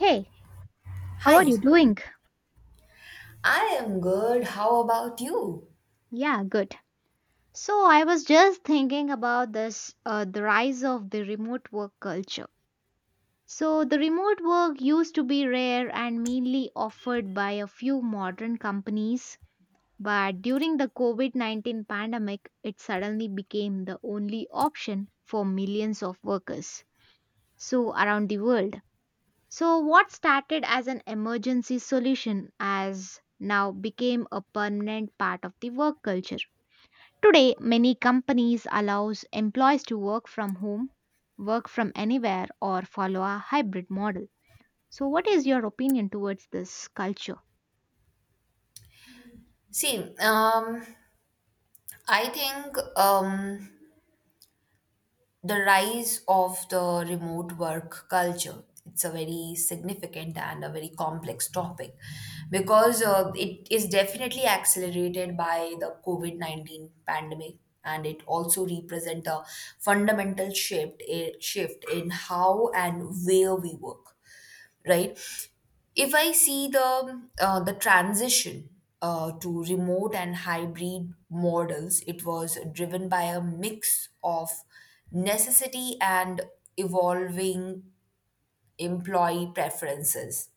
Hey, how Hi, are you doing? I am good. How about you? Yeah, good. So I was just thinking about this the rise of the remote work culture. So the remote work used to be rare and mainly offered by a few modern companies, but during the COVID-19 pandemic, it suddenly became the only option for millions of workers so around the world. So what started as an emergency solution as now became a permanent part of the work culture. Today, many companies allows employees to work from home, work from anywhere or follow a hybrid model. So what is your opinion towards this culture? See, I think the rise of the remote work culture it's a very significant and a very complex topic because it is definitely accelerated by the COVID 19 pandemic, and it also represent a shift in how and where we work, right? If I see the transition to remote and hybrid models, it was driven by a mix of necessity and evolving employee preferences.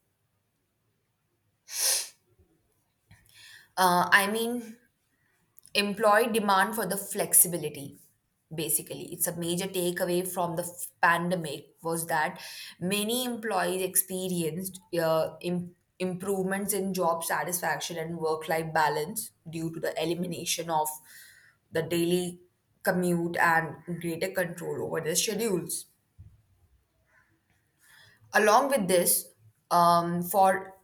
I mean, employee demand for the flexibility, basically it's a major takeaway from the pandemic was that many employees experienced improvements in job satisfaction and work life balance due to the elimination of the daily commute and greater control over their schedules, along with this for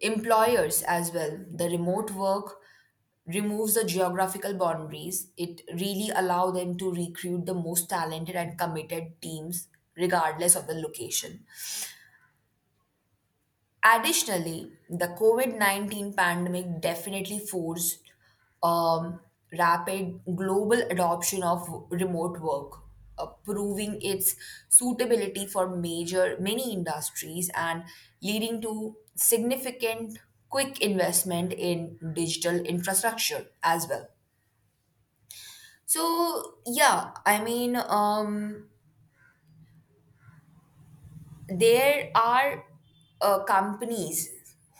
employers as well, the remote work removes the geographical boundaries. It really allow them to recruit the most talented and committed teams regardless of the location. Additionally, the COVID 19 pandemic definitely forced um, rapid global adoption of remote work, proving its suitability for major many industries and leading to significant quick investment in digital infrastructure as well. So, yeah, I mean, there are companies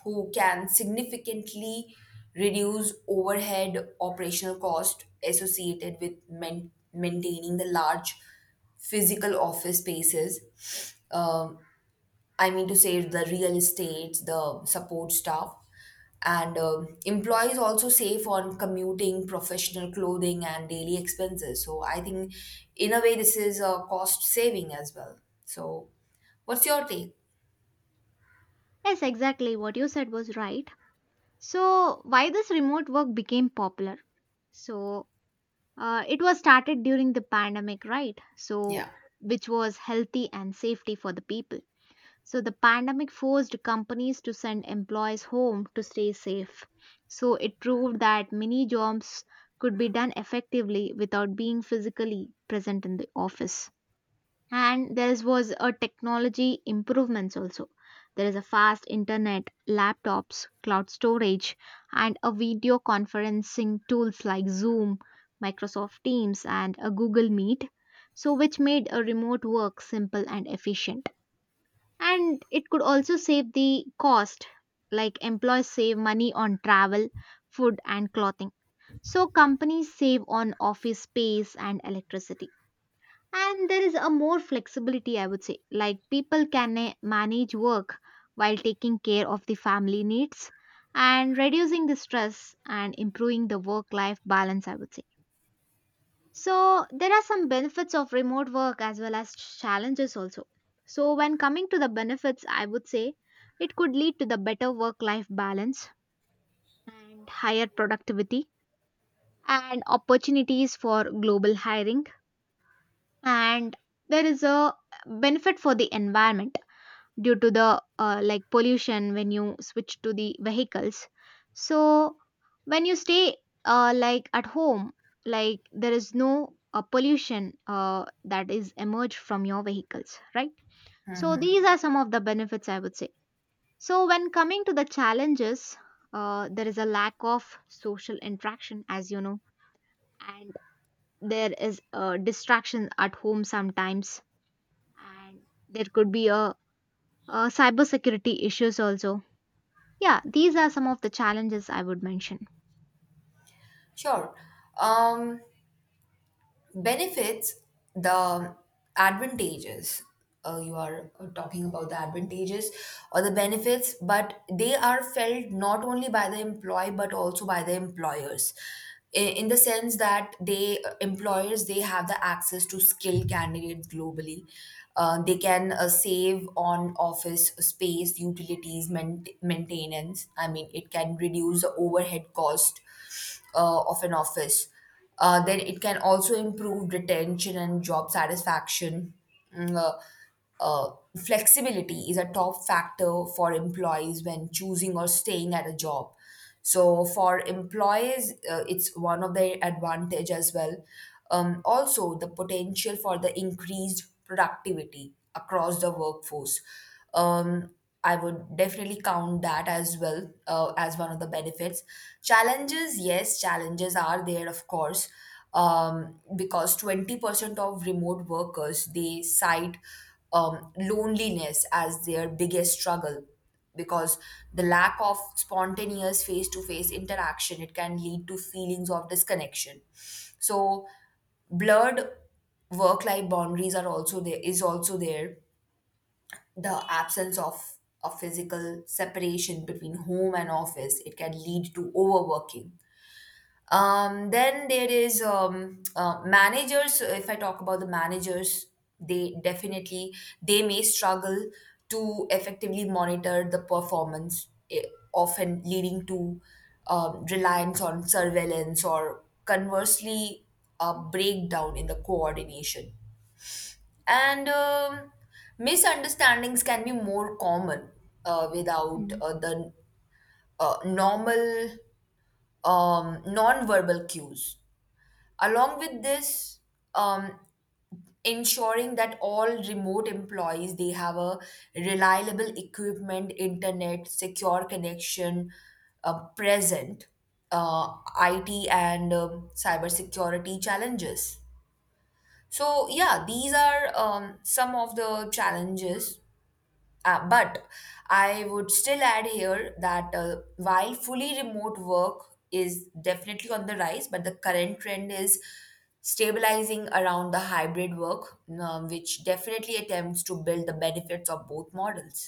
who can significantly reduce overhead operational cost associated with maintaining the large physical office spaces, um, I mean to say the real estate, the support staff, and employees also save on commuting, professional clothing, and daily expenses. So I think, in a way, this is a cost saving as well. So, what's your take? Yes, exactly. What you said was right. So, why this remote work became popular? So, it was started during the pandemic, right? So, Yeah, which was healthy and safety for the people. So the pandemic forced companies to send employees home to stay safe. So it proved that many jobs could be done effectively without being physically present in the office. And was a technology improvements also. There is a fast internet, laptops, cloud storage, and a video conferencing tools like Zoom, Microsoft Teams, and a Google Meet. So which made a remote work simple and efficient and it could also save the cost like employees save money on travel food and clothing, so companies save on office space and electricity. And there is a more flexibility I would say, like people can manage work while taking care of the family needs and reducing the stress and improving the work life balance I would say. So there are some benefits of remote work as well as challenges also. So when coming to the benefits, I would say it could lead to the better work life balance and higher productivity and opportunities for global hiring, and there is a benefit for the environment due to the like pollution when you switch to the vehicles. So when you stay like at home, like there is no pollution that is emerged from your vehicles, right? So these are some of the benefits I would say. So when coming to the challenges, there is a lack of social interaction as you know, and there is a distraction at home sometimes, and there could be a cybersecurity issues also. Yeah, these are some of the challenges I would mention. sure. Um, benefits, the advantages, you are talking about the advantages or the benefits, but they are felt not only by the employee but also by the employers, in the sense that they employers, they have the access to skilled candidates globally. They can save on office space, utilities, maintenance, I mean it can reduce the overhead cost of an office. Then it can also improve retention and job satisfaction. Mm, uh, flexibility is a top factor for employees when choosing or staying at a job. So for employees, it's one of their advantage as well. Also, the potential for the increased productivity across the workforce. Um, I would definitely count that as well as one of the benefits. Challenges, yes, challenges are there, of course, because 20% of remote workers they cite loneliness as their biggest struggle, because the lack of spontaneous face-to-face interaction it can lead to feelings of disconnection. So blurred work-life boundaries are also there, the absence of a physical separation between home and office it can lead to overworking. Then there is managers. So, if I talk about the managers, they definitely, they may struggle to effectively monitor the performance, often leading to reliance on surveillance, or conversely a breakdown in the coordination and misunderstandings can be more common uh, without Mm. uh, the normal non-verbal cues. Along with this, um, ensuring that all remote employees they have a reliable equipment, internet, secure connection present uh, it, and cybersecurity challenges. So yeah, these are some of the challenges. But I would still add here that while fully remote work is definitely on the rise, but the current trend is stabilizing around the hybrid work, which definitely attempts to build the benefits of both models.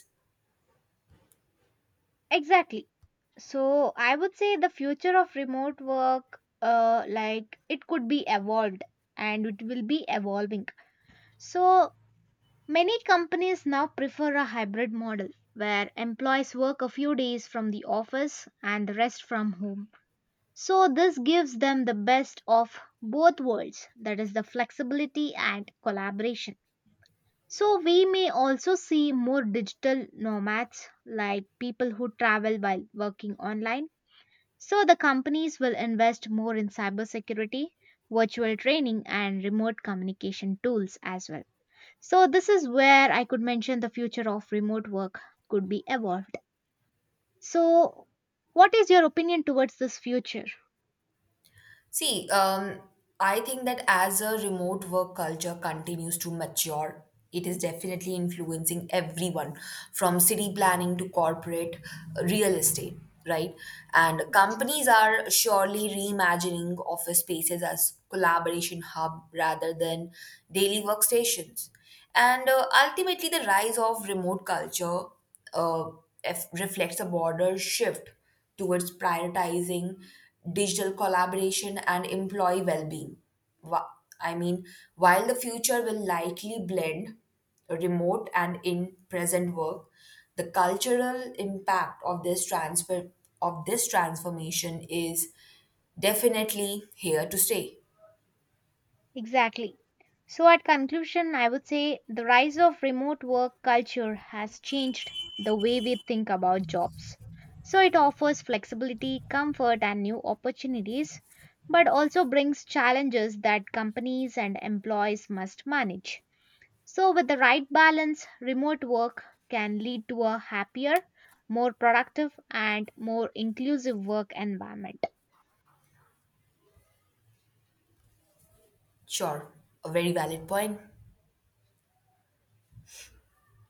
Exactly. So I would say the future of remote work, like it could be evolved and it will be evolving. So many companies now prefer a hybrid model where employees work a few days from the office and the rest from home. So this gives them the best of both worlds, that is the flexibility and collaboration. So, we may also see more digital nomads like people who travel while working online. So, the companies will invest more in cybersecurity, virtual training, and remote communication tools as well. So, this is where I could mention the future of remote work could be evolved. So, what is your opinion towards this future? See, I think that as a remote work culture continues to mature, it is definitely influencing everyone from city planning to corporate real estate, right? And companies are surely reimagining office spaces as collaboration hub rather than daily workstations. And ultimately, the rise of remote culture uh, reflects a broader shift towards prioritizing digital collaboration and employee well-being. Wha- I mean, while the future will likely blend remote and in-present work, the cultural impact of this transfer of this transformation is definitely here to stay. Exactly. So, at conclusion, I would say the rise of remote work culture has changed the way we think about jobs. So, it offers flexibility, comfort, and new opportunities, but also brings challenges that companies and employees must manage. So, with the right balance, remote work can lead to a happier, more productive, and more inclusive work environment. Sure, a very valid point.